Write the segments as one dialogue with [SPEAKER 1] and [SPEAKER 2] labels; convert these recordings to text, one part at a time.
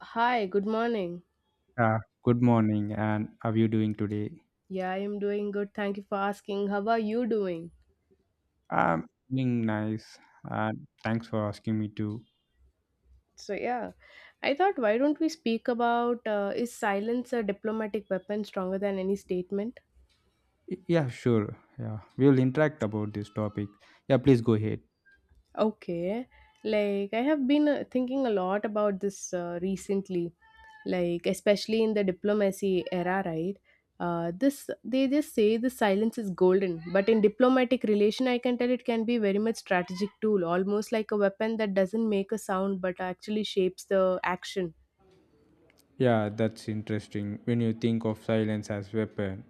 [SPEAKER 1] Hi, good morning.
[SPEAKER 2] Yeah, good morning, and how are you doing today?
[SPEAKER 1] Yeah, I am doing good. Thank you for asking. How are you doing?
[SPEAKER 2] I'm doing nice, and thanks for asking me to.
[SPEAKER 1] So, yeah, I thought why don't we speak about is silence a diplomatic weapon stronger than any statement?
[SPEAKER 2] Yeah, sure. Yeah, we will interact about this topic. Yeah, please go ahead.
[SPEAKER 1] Okay. Like, I have been thinking a lot about this recently, like, especially in the diplomacy era, right? This they just say the silence is golden, but in diplomatic relation, I can tell it can be very much strategic tool, almost like a weapon that doesn't make a sound but actually shapes the action.
[SPEAKER 2] Yeah, that's interesting. When you think of silence as weapon,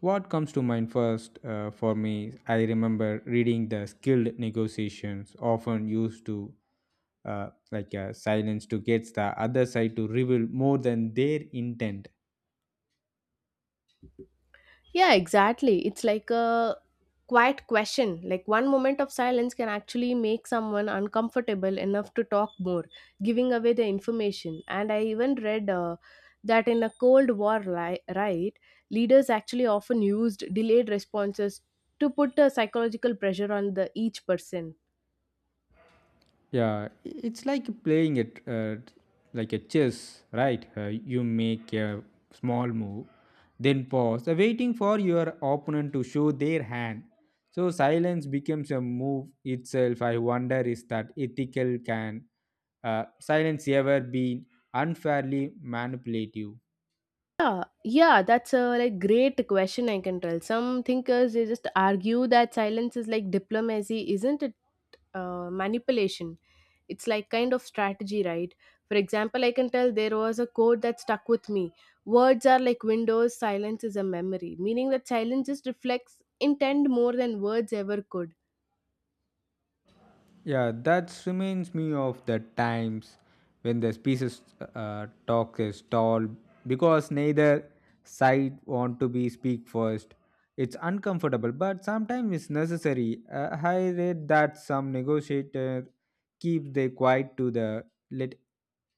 [SPEAKER 2] what comes to mind first for me? I remember reading the skilled negotiations often used to silence to get the other side to reveal more than their intent.
[SPEAKER 1] Yeah, exactly. It's like a quiet question. Like one moment of silence can actually make someone uncomfortable enough to talk more, giving away the information. And I even read that in a right, leaders actually often used delayed responses to put a psychological pressure on the each person.
[SPEAKER 2] Yeah, it's like playing it like a chess, right? You make a small move, then pause, waiting for your opponent to show their hand. So silence becomes a move itself. I wonder, is that ethical? Can uh, silence ever be unfairly manipulative?
[SPEAKER 1] Yeah, yeah, that's a like great question. I can tell some thinkers they just argue that silence is like diplomacy, isn't it? Manipulation. It's like kind of strategy, right? For example, I can tell there was a quote that stuck with me. Words are like windows. Silence is a memory, meaning that silence just reflects intent more than words ever could.
[SPEAKER 2] Yeah, that reminds me of the times when the species talk is tall because neither side want to be speak first. It's uncomfortable, but sometimes it's necessary. I read that some negotiator keep their quiet to the let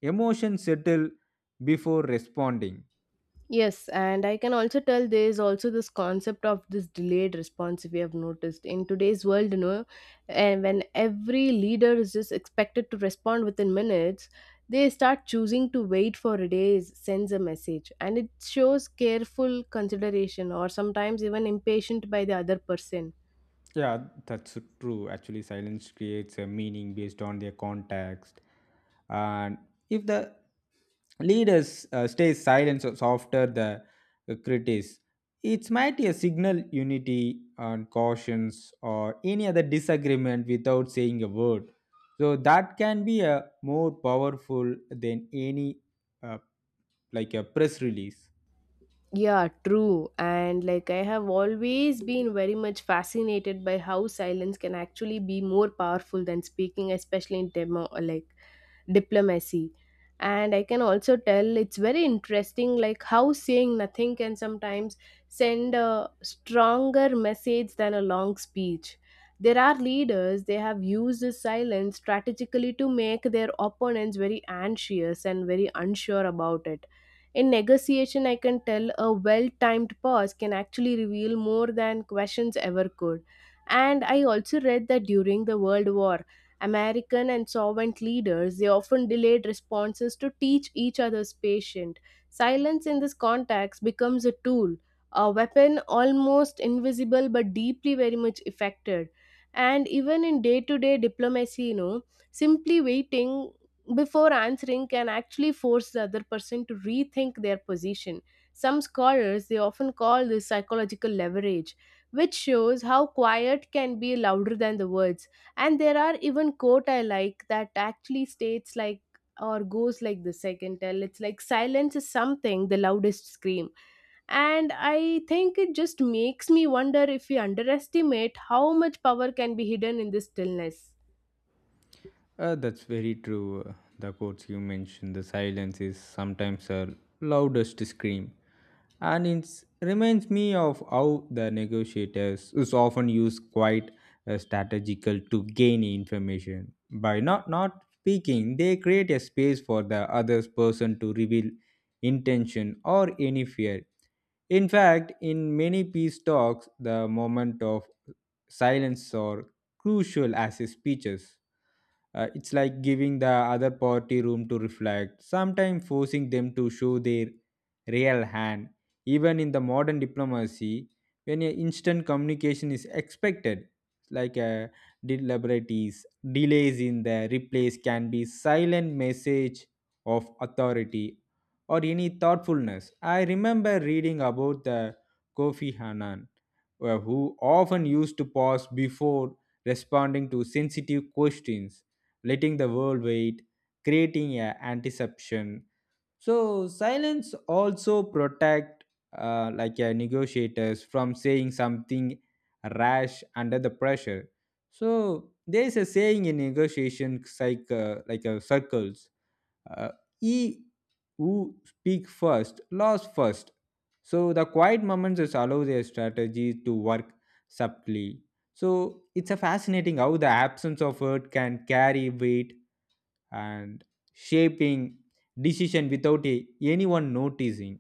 [SPEAKER 2] emotion settle before responding.
[SPEAKER 1] Yes, and I can also tell there is also this concept of this delayed response we have noticed in today's world, you know, and when every leader is just expected to respond within minutes, they start choosing to wait for days, sends a message, and it shows careful consideration or sometimes even impatient by the other person.
[SPEAKER 2] Yeah, that's true. Actually, silence creates a meaning based on their context. And if the leaders stay silent so after the critics, it might be a signal unity and cautions or any other disagreement without saying a word. So that can be a more powerful than any uh, like a press release.
[SPEAKER 1] Yeah, true. And like I have always been very much fascinated by how silence can actually be more powerful than speaking, especially in demo alike diplomacy, and I can also tell it's very interesting like how saying nothing can sometimes send a stronger message than a long speech. There are leaders they have used this silence strategically to make their opponents very anxious and very unsure about it. In negotiation I can tell a well timed pause can actually reveal more than questions ever could. And I also read that during the world war American and Soviet leaders, they often delayed responses to teach each other's patient. Silence in this context becomes a tool, a weapon almost invisible but deeply very much affected. And even in day to day diplomacy, you know, simply waiting before answering can actually force the other person to rethink their position. Some scholars they often call this psychological leverage, which shows how quiet can be louder than the words. And there are even quote I like that actually states like or goes like this, I can tell it's like silence is something the loudest scream. And I think it just makes me wonder if we underestimate how much power can be hidden in this stillness.
[SPEAKER 2] That's very true. The quotes you mentioned, the silence is sometimes a loudest scream. And it reminds me of how the negotiators is often use quite strategical to gain information. By not speaking, they create a space for the other person to reveal intention or any fear. In fact, in many peace talks, the moment of silence are crucial as speeches. It's like giving the other party room to reflect, sometimes forcing them to show their real hand. Even in the modern diplomacy, when a instant communication is expected, like a deliberate delays in the replies can be silent message of authority or any thoughtfulness. I remember reading about the Kofi Annan, who often used to pause before responding to sensitive questions, letting the world wait, creating a anticipation. So silence also protect like a negotiators from saying something rash under the pressure. So there is a saying in negotiation psych, circles. Uh, he who speak first, lost first. So the quiet moments just allow their strategies to work subtly. So it's a fascinating how the absence of word can carry weight and shaping decision without a, anyone noticing.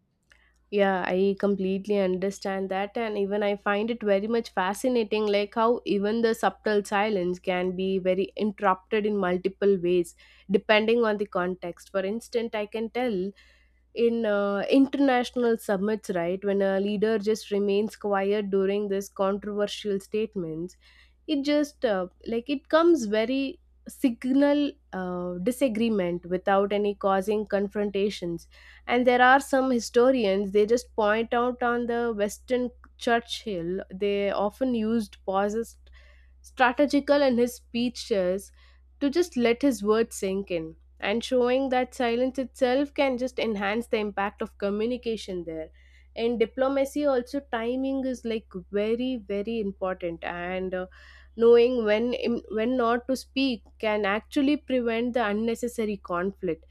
[SPEAKER 1] Yeah, I completely understand that, and even I find it very much fascinating, like how even the subtle silence can be very interrupted in multiple ways, depending on the context. For instance, I can tell in international summits, right, when a leader just remains quiet during this controversial statements, it just like it comes very signal disagreement without any causing confrontations. And there are some historians they just point out on the western Churchill they often used pauses strategical in his speeches to just let his words sink in and showing that silence itself can just enhance the impact of communication there. In diplomacy also timing is like very very important, and knowing when not to speak can actually prevent the unnecessary conflict.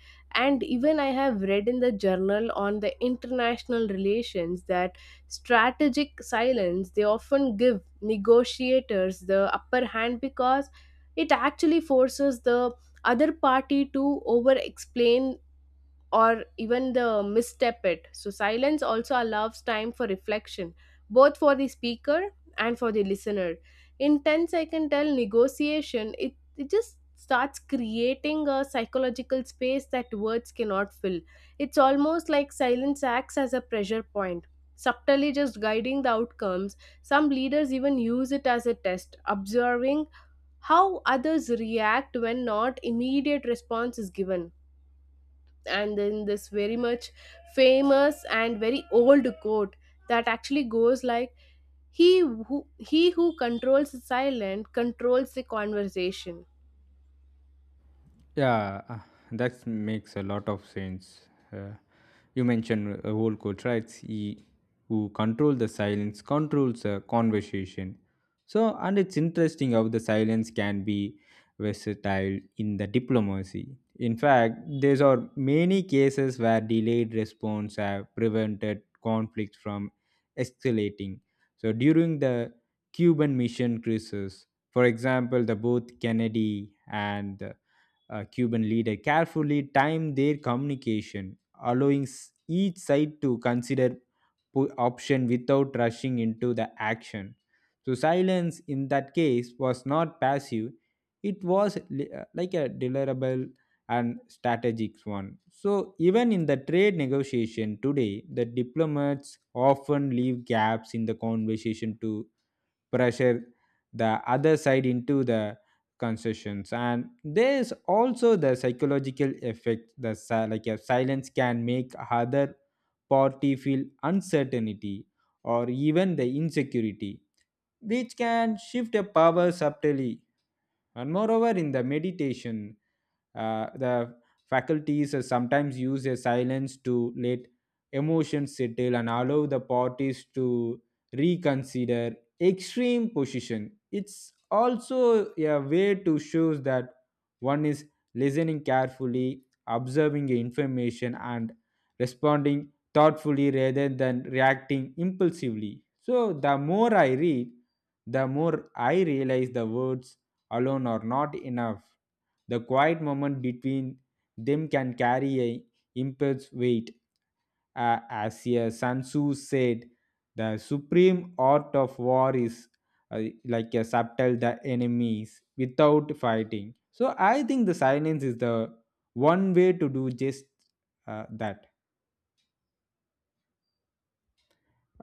[SPEAKER 1] And even I have read in the journal on the international relations that strategic silence they often give negotiators the upper hand because it actually forces the other party to over explain or even the misstep it. So silence also allows time for reflection, both for the speaker and for the listener. In tense, I can tell negotiation, it just starts creating a psychological space that words cannot fill. It's almost like silence acts as a pressure point. Subtly just guiding the outcomes, some leaders even use it as a test, observing how others react when not immediate response is given. And then this very much famous and very old quote that actually goes like he who controls the silent controls the conversation.
[SPEAKER 2] Yeah, that makes a lot of sense. Uh, you mentioned whole coach, right? He who control the silence controls the conversation. So, and it's interesting how the silence can be versatile in the diplomacy. In fact, there are many cases where delayed response have prevented conflicts from escalating. So, during the Cuban mission crisis, for example, the both Kennedy and the Cuban leader carefully timed their communication, allowing each side to consider option without rushing into the action. So silence in that case was not passive; it was like a deliverable and strategic one. So even in the trade negotiation today, the diplomats often leave gaps in the conversation to pressure the other side into the concessions. And there is also the psychological effect the like a silence can make other party feel uncertainty or even the insecurity, which can shift the power subtly. And moreover, in the meditation, the faculties are sometimes use a silence to let emotions settle and allow the parties to reconsider extreme position. It's also a way to show that one is listening carefully, observing information, and responding thoughtfully rather than reacting impulsively. So, the more I read, the more I realize the words alone are not enough. The quiet moment between them can carry a immense weight. As Sun Tzu said, the supreme art of war is like a subtle the enemies without fighting. So I think the silence is the one way to do just that.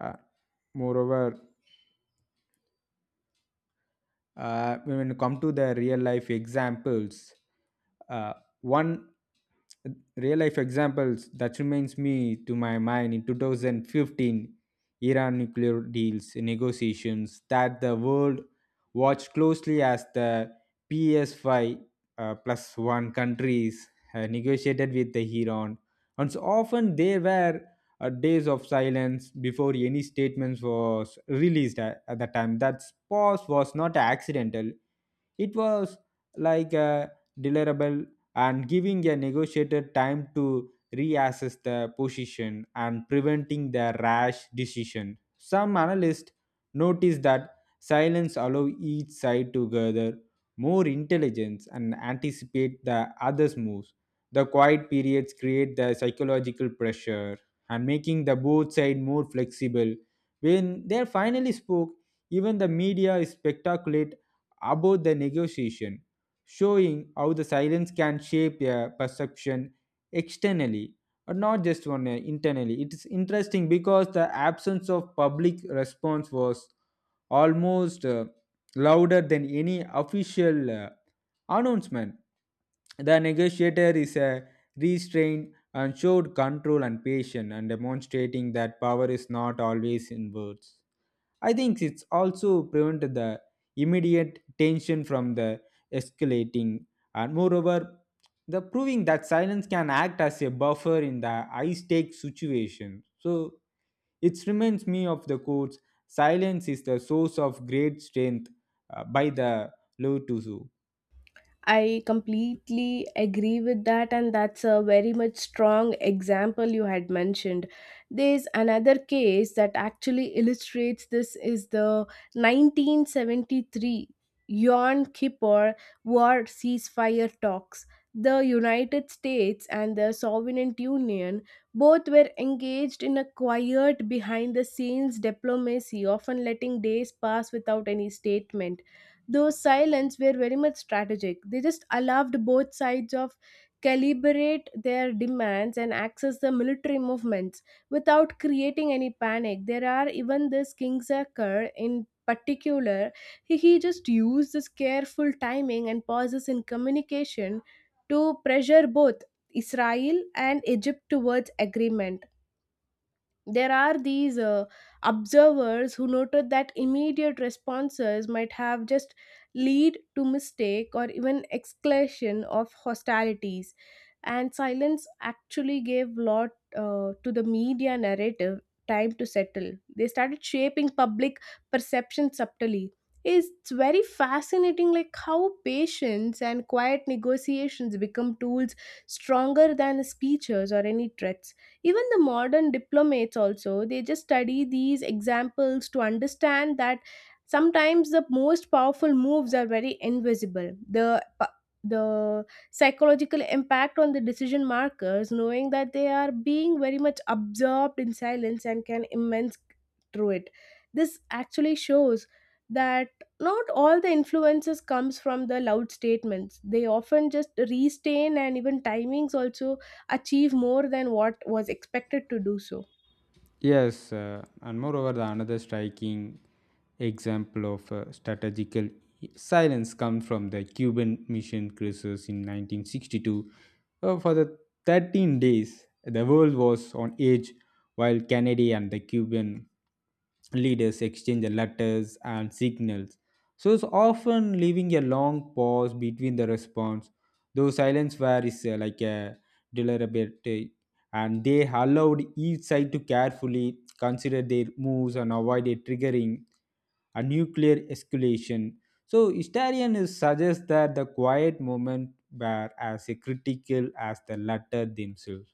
[SPEAKER 2] Uh, Moreover, when it come to the real life examples, uh, one real life examples that reminds me to my mind, in 2015 iran nuclear deals negotiations, that the world watched closely as the ps5 plus one countries negotiated with the iran. And so often they were days of silence before any statements was released at the time. That pause was not accidental. It was like a deliverable and giving a negotiator time to reassess the position and preventing the rash decision. Some analysts noticed that silence allow each side to gather more intelligence and anticipate the other's moves. The quiet periods create the psychological pressure and making the both side more flexible. When they finally spoke, even the media is spectaculate about the negotiation, showing how the silence can shape a perception externally, but not just one internally. It is interesting because the absence of public response was almost louder than any official. Announcement. The negotiator is a restrained and showed control and patience and demonstrating that power is not always in words. I think it's also prevented the immediate tension from the escalating and moreover the proving that silence can act as a buffer in the high stakes situation. So it reminds me of the quotes silence is the source of great strength by the Lao Tzu.
[SPEAKER 1] I completely agree with that, and that's a very much strong example you had mentioned. There's another case that actually illustrates this is the 1973 Yom Kippur war ceasefire talks. The United States and the Soviet Union both were engaged in a quiet behind the scenes diplomacy, often letting days pass without any statement. Those silence were very much strategic. They just allowed both sides of calibrate their demands and access the military movements without creating any panic. There are even this Kingsaker in particular. He just used this careful timing and pauses in communication to pressure both Israel and Egypt towards agreement. There are these observers who noted that immediate responses might have just lead to mistake or even escalation of hostilities. And silence actually gave lot to the media narrative time to settle. They started shaping public perception subtly. It's very fascinating like how patience and quiet negotiations become tools stronger than speeches or any threats. Even the modern diplomats also they just study these examples to understand that sometimes the most powerful moves are very invisible. The the psychological impact on the decision markers knowing that they are being very much absorbed in silence and can immense through it, this actually shows that not all the influences comes from the loud statements. They often just restain and even timings also achieve more than what was expected to do so.
[SPEAKER 2] Yes, and moreover, the another striking example of strategical silence comes from the Cuban mission crisis in 1962. For the 13 days, the world was on edge while Kennedy and the Cuban leaders exchange the letters and signals. So it's often leaving a long pause between the response. Though silence where is like a deliberate, and they allowed each side to carefully consider their moves and avoid a triggering a nuclear escalation. So historians suggest that the quiet moment were as critical as the latter themselves,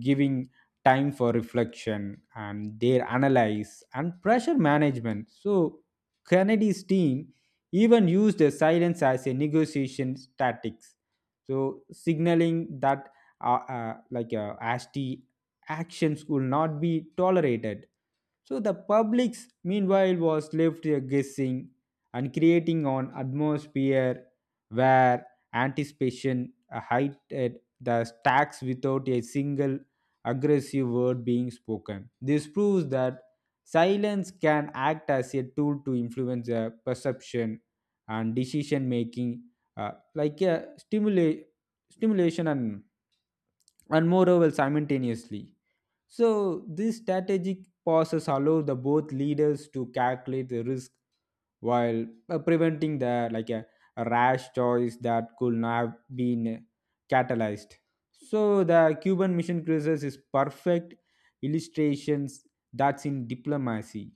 [SPEAKER 2] giving time for reflection and their analyze and pressure management. So Kennedy's team even used the silence as a negotiation tactics. So signaling that ASTI actions will not be tolerated, so the public's meanwhile was left guessing and creating an atmosphere where anticipation heightened the stacks without a single aggressive word being spoken. This proves that silence can act as a tool to influence perception and decision making, like a stimulation and moreover simultaneously. So, these strategic pauses allow the both leaders to calculate the risk while preventing the a rash choice that could not have been catalyzed. So, the Cuban mission crisis is perfect illustrations that's in diplomacy.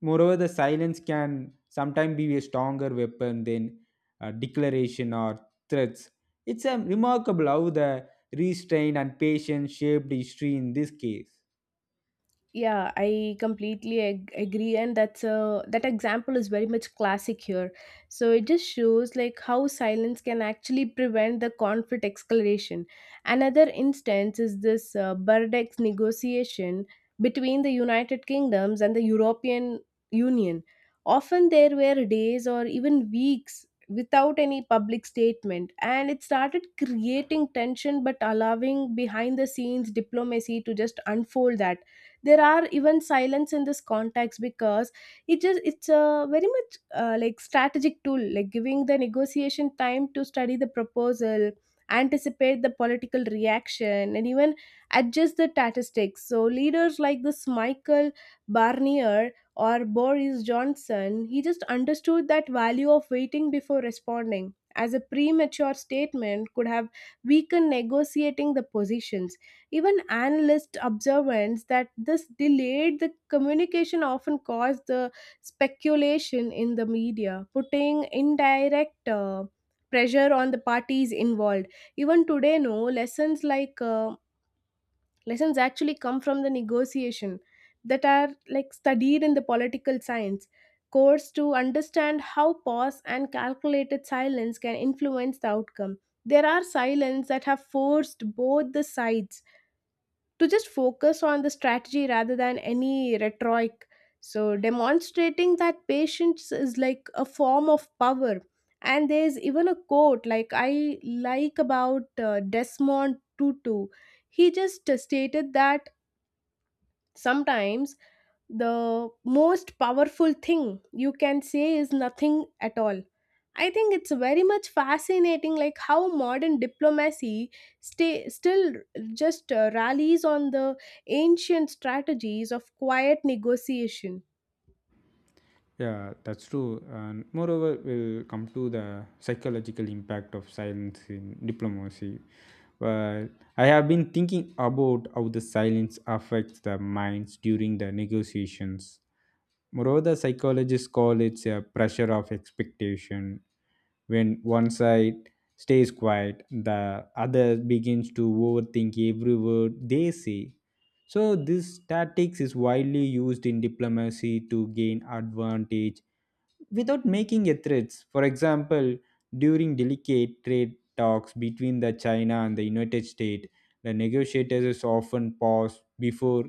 [SPEAKER 2] Moreover, the silence can sometimes be a stronger weapon than a declaration or threats. It's remarkable how the restraint and patience shaped history in this case.
[SPEAKER 1] Yeah, I completely agree, and that's a that example is very much classic here. So it just shows like how silence can actually prevent the conflict escalation. Another instance is this burdex negotiation between the United Kingdoms and the European Union. Often there were days or even weeks without any public statement and it started creating tension but allowing behind the scenes diplomacy to just unfold that. There are even silence in this context because it's a very much like strategic tool like giving the negotiation time to study the proposal, anticipate the political reaction and even adjust the statistics. So leaders like this Michael Barnier or Boris Johnson he just understood that value of waiting before responding as a premature statement could have weakened negotiating the positions. Even analysts observance that this delayed the communication often caused the speculation in the media, putting indirect pressure on the parties involved. Even today, no lessons like lessons actually come from the negotiation that are like studied in the political science course to understand how pause and calculated silence can influence the outcome. There are silence that have forced both the sides to just focus on the strategy rather than any rhetoric. So, demonstrating that patience is like a form of power. And there's even a quote like I like about Desmond Tutu. He just stated that sometimes the most powerful thing you can say is nothing at all. I think it's very much fascinating, like how modern diplomacy still just rallies on the ancient strategies of quiet negotiation.
[SPEAKER 2] Yeah, that's true. And moreover, we'll come to the psychological impact of silence in diplomacy. Well, I have been thinking about how the silence affects the minds during the negotiations. Moreover, psychologists call it a pressure of expectation. When one side stays quiet, the other begins to overthink every word they say. So, this tactics is widely used in diplomacy to gain advantage without making a threats. For example, during delicate trade talks between the China and the United States, the negotiators often pause before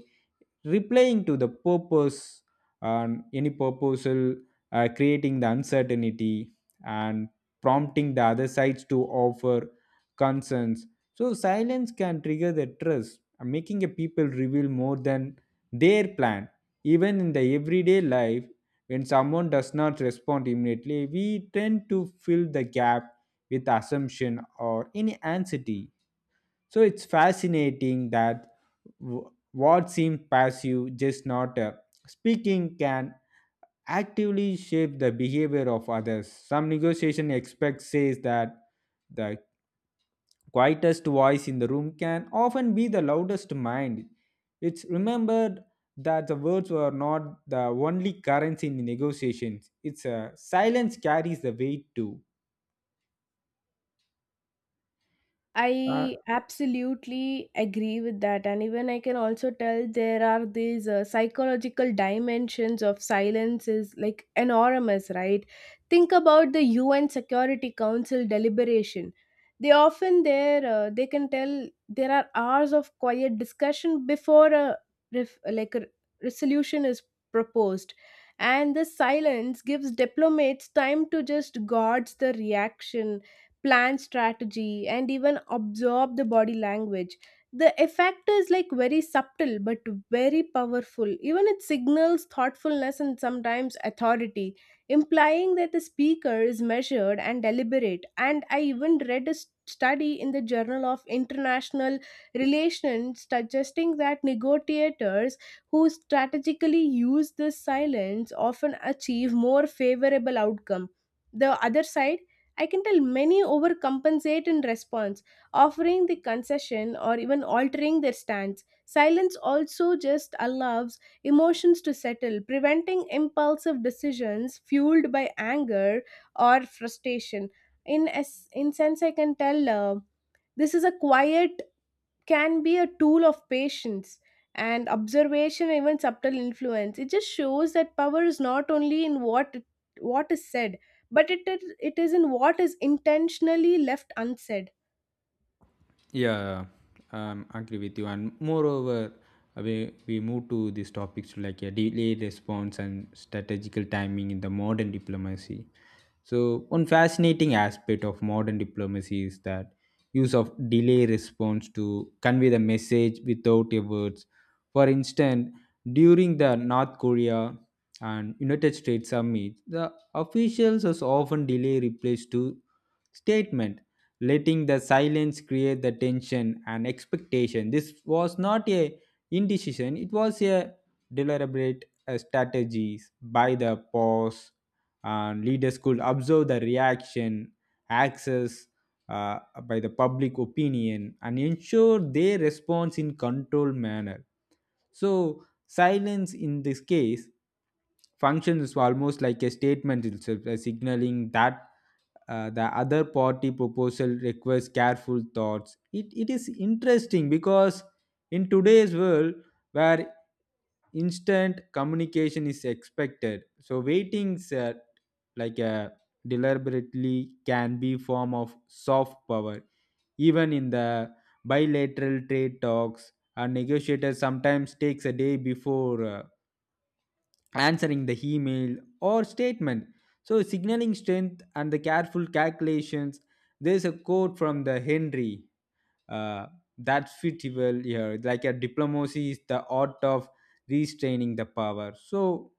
[SPEAKER 2] replying to the purpose and any proposal, creating the uncertainty and prompting the other sides to offer concerns. So silence can trigger the trust, making a people reveal more than their plan. Even in the everyday life, when someone does not respond immediately, we tend to fill the gap with assumption or any anxiety. So it's fascinating that what seems passive, just not speaking, can actively shape the behavior of others. Some negotiation expect says that the quietest voice in the room can often be the loudest mind. It's remembered that the words were not the only currency in negotiations. It's a silence carries the weight too. Uh,
[SPEAKER 1] I absolutely agree with that. And even I can also tell there are these psychological dimensions of silence is like enormous, right? Think about the UN Security Council deliberation. They often there, they can tell there are hours of quiet discussion before a like a resolution is proposed. And the silence gives diplomats time to just gauge the reaction plan strategy, and even absorb the body language. The effect is like very subtle but very powerful. Even it signals thoughtfulness and sometimes authority, implying that the speaker is measured and deliberate. And I even read a study in the Journal of International Relations suggesting that negotiators who strategically use this silence often achieve more favorable outcome. The other side I can tell many overcompensate in response, offering the concession or even altering their stance. Silence also just allows emotions to settle, preventing impulsive decisions fueled by anger or frustration. In sense, I can tell this is a quiet can be a tool of patience and observation even subtle influence. It just shows that power is not only in what is said but it is in what is intentionally left unsaid.
[SPEAKER 2] Yeah, yeah. Agree with you. And moreover, we move to these topics like a delayed response and strategical timing in the modern diplomacy. So, one fascinating aspect of modern diplomacy is that use of delay response to convey the message without a words. For instance, during the North Korea and United States summit, the officials has often delay replies to statement, letting the silence create the tension and expectation. This was not a indecision; it was a deliberate strategies by the pause. And leaders could observe the reaction, access by the public opinion, and ensure their response in controlled manner. So silence in this case function is almost like a statement itself, a signaling that the other party proposal requires careful thoughts. It is interesting because in today's world where instant communication is expected, so waiting is like a deliberately can be form of soft power, even in the bilateral trade talks, a negotiator sometimes takes a day before answering the email or statement. So, signaling strength and the careful calculations. There's a quote from the Henry uh, that fit well here. Like a diplomacy is the art of restraining the power. So,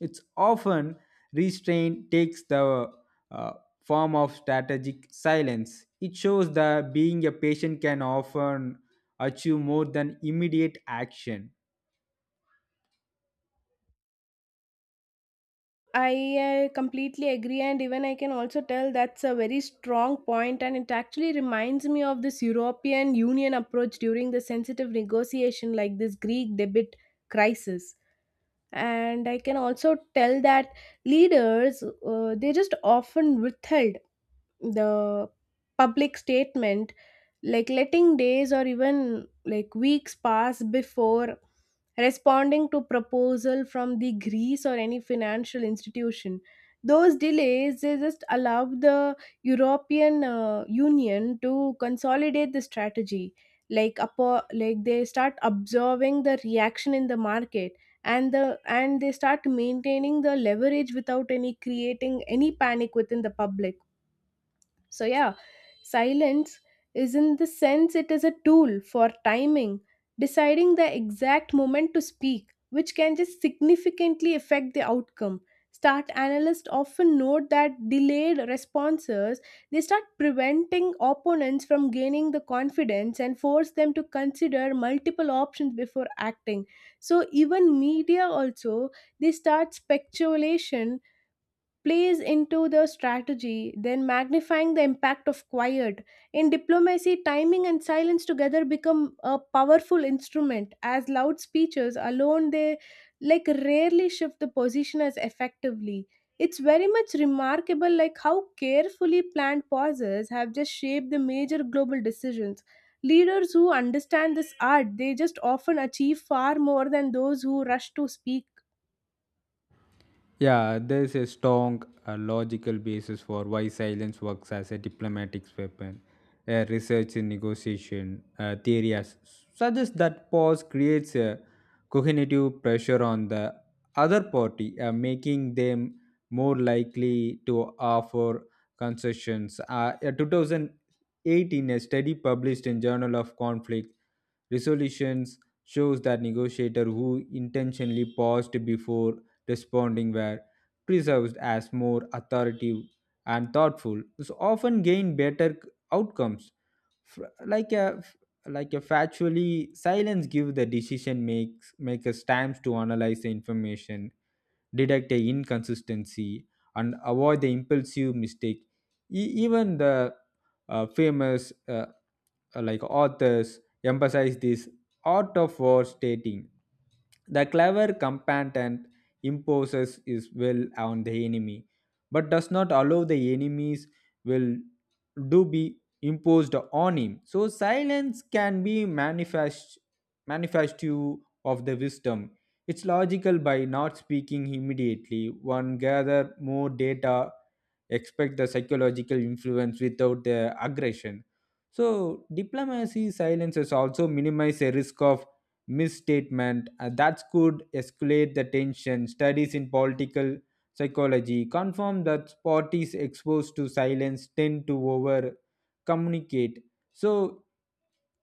[SPEAKER 2] it's often restraint takes the uh, form of strategic silence. It shows that being a patient can often achieve more than immediate action.
[SPEAKER 1] I completely agree, and even I can also tell that's a very strong point, and it actually reminds me of this European Union approach during the sensitive negotiation, like this Greek debit crisis. And I can also tell that leaders they just often withheld the public statement, like letting days or even like weeks pass before responding to proposal from the Greece or any financial institution. Those delays, they just allow the European Union to consolidate the strategy, like like they start observing the reaction in the market, and they start maintaining the leverage without any creating any panic within the public. So, yeah, silence is, in the sense it is a tool for timing, deciding the exact moment to speak, which can just significantly affect the outcome. Start analysts often note that delayed responses, they start preventing opponents from gaining the confidence and force them to consider multiple options before acting. So even media also, they start speculation plays into the strategy, then magnifying the impact of quiet. In diplomacy, timing and silence together become a powerful instrument, as loud speeches alone they like rarely shift the position as effectively. It's very much remarkable like how carefully planned pauses have just shaped the major global decisions. Leaders who understand this art, they just often achieve far more than those who rush to speak.
[SPEAKER 2] Yeah, there's a strong logical basis for why silence works as a diplomatic weapon. Research in negotiation theory suggests that pause creates a cognitive pressure on the other party, making them more likely to offer concessions. A 2018 a study published in Journal of Conflict Resolutions shows that negotiator who intentionally paused before responding were preserved as more authoritative and thoughtful, so often gain better outcomes. F- Like a like a factually silence give the decision makes makers times to analyze the information, detect a inconsistency, and avoid the impulsive mistake. Even the famous like authors emphasize this art of war, stating the clever combatant imposes his will on the enemy, but does not allow the enemy's will to be imposed on him. So silence can be manifestive of the wisdom. It's logical by not speaking immediately. One gather more data, expect the psychological influence without the aggression. So diplomacy silences also minimize the risk of misstatement that could escalate the tension. Studies in political psychology confirm that parties exposed to silence tend to over communicate. So,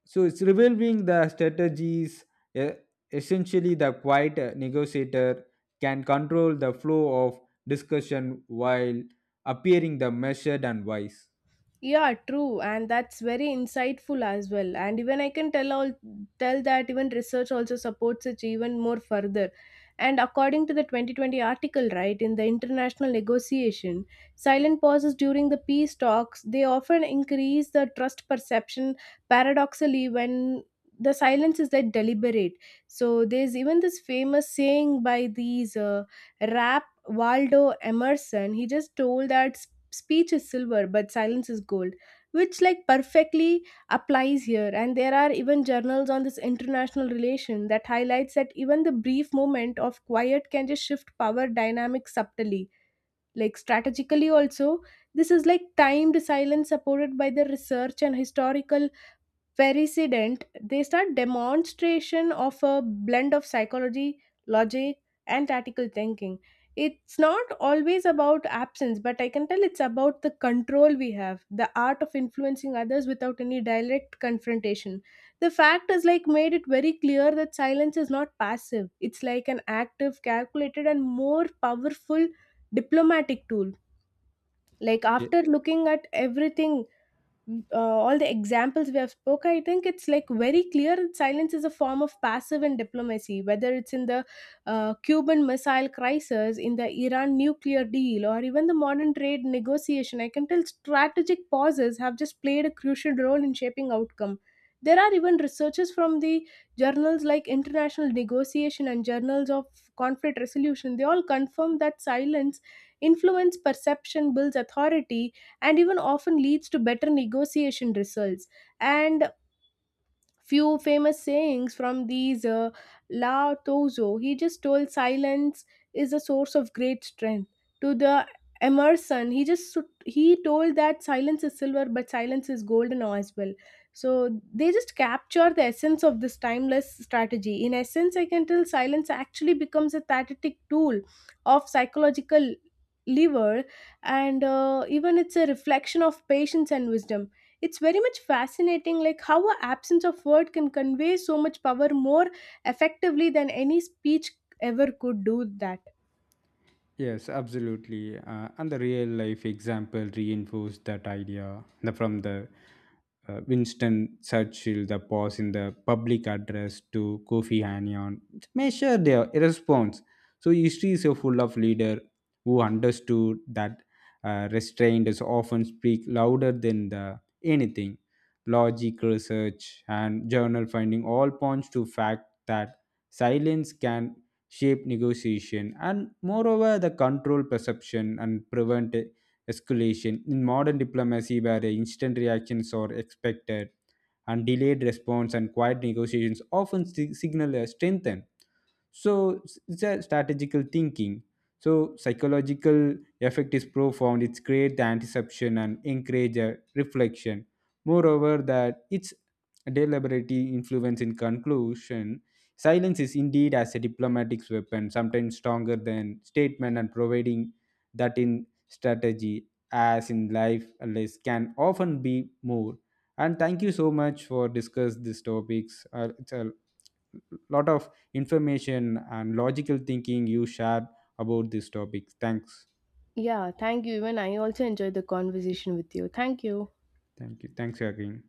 [SPEAKER 2] so it's revealing the strategies. uh, Essentially, the quiet negotiator can control the flow of discussion while appearing the measured and wise.
[SPEAKER 1] Yeah, true, and that's very insightful as well. And even I can tell all tell that even research also supports it even more further. And according to the 2020 article, right, in the international negotiation, silent pauses during the peace talks they often increase the trust perception. Paradoxically, when the silence is that deliberate, so there's even this famous saying by these rap Waldo Emerson. He just told that speech is silver but silence is gold, which like perfectly applies here. And there are even journals on this international relation that highlights that even the brief moment of quiet can just shift power dynamics subtly, like strategically also. This is like timed silence supported by the research and historical Vericident, they start demonstration of a blend of psychology, logic, and tactical thinking. It's not always about absence, but I can tell it's about the control we have, the art of influencing others without any direct confrontation. The fact is like made it very clear that silence is not passive. It's like an active, calculated, and more powerful diplomatic tool. Like after looking at everything, all the examples we have spoke, I think it's like very clear. Silence is a form of passive and diplomacy, whether it's in the Cuban missile crisis, in the Iran nuclear deal, or even the modern trade negotiation, I can tell strategic pauses have just played a crucial role in shaping outcome. There are even researchers from the journals like International Negotiation and Journals of Conflict Resolution. They all confirm that silence influence perception, builds authority, and even often leads to better negotiation results. And few famous sayings from these Lao Tozo. He just told silence is a source of great strength. To the Emerson, he just he told that silence is silver, but silence is golden as well. So they just capture the essence of this timeless strategy. In essence, I can tell silence actually becomes a tactic tool of psychological lever, and even it's a reflection of patience and wisdom. It's very much fascinating like how a absence of word can convey so much power more effectively than any speech ever could do that.
[SPEAKER 2] Yes, absolutely. And the real life example reinforced that idea. The, from the Winston Churchill, the pause in the public address to Kofi Annan, measure their response. So history is so full of leader who understood that restraint is often speak louder than the anything. Logic, research, and journal finding all points to fact that silence can shape negotiation, and moreover, the control perception and prevent escalation. In modern diplomacy, where the instant reactions are expected, and delayed response and quiet negotiations often signal a strengthen. So it's a strategical thinking. So psychological effect is profound. It's create the anticipation and encourage a reflection. Moreover, that its deliberate influence in conclusion silence is indeed as a diplomatic weapon, sometimes stronger than statement and providing that in strategy as in life less can often be more. And thank you so much for discuss these topics. It's a lot of information and logical thinking you shared about these topics. Thanks.
[SPEAKER 1] Yeah, thank you. Even I also enjoyed the conversation with you. Thank you.
[SPEAKER 2] Thank you. Thanks again.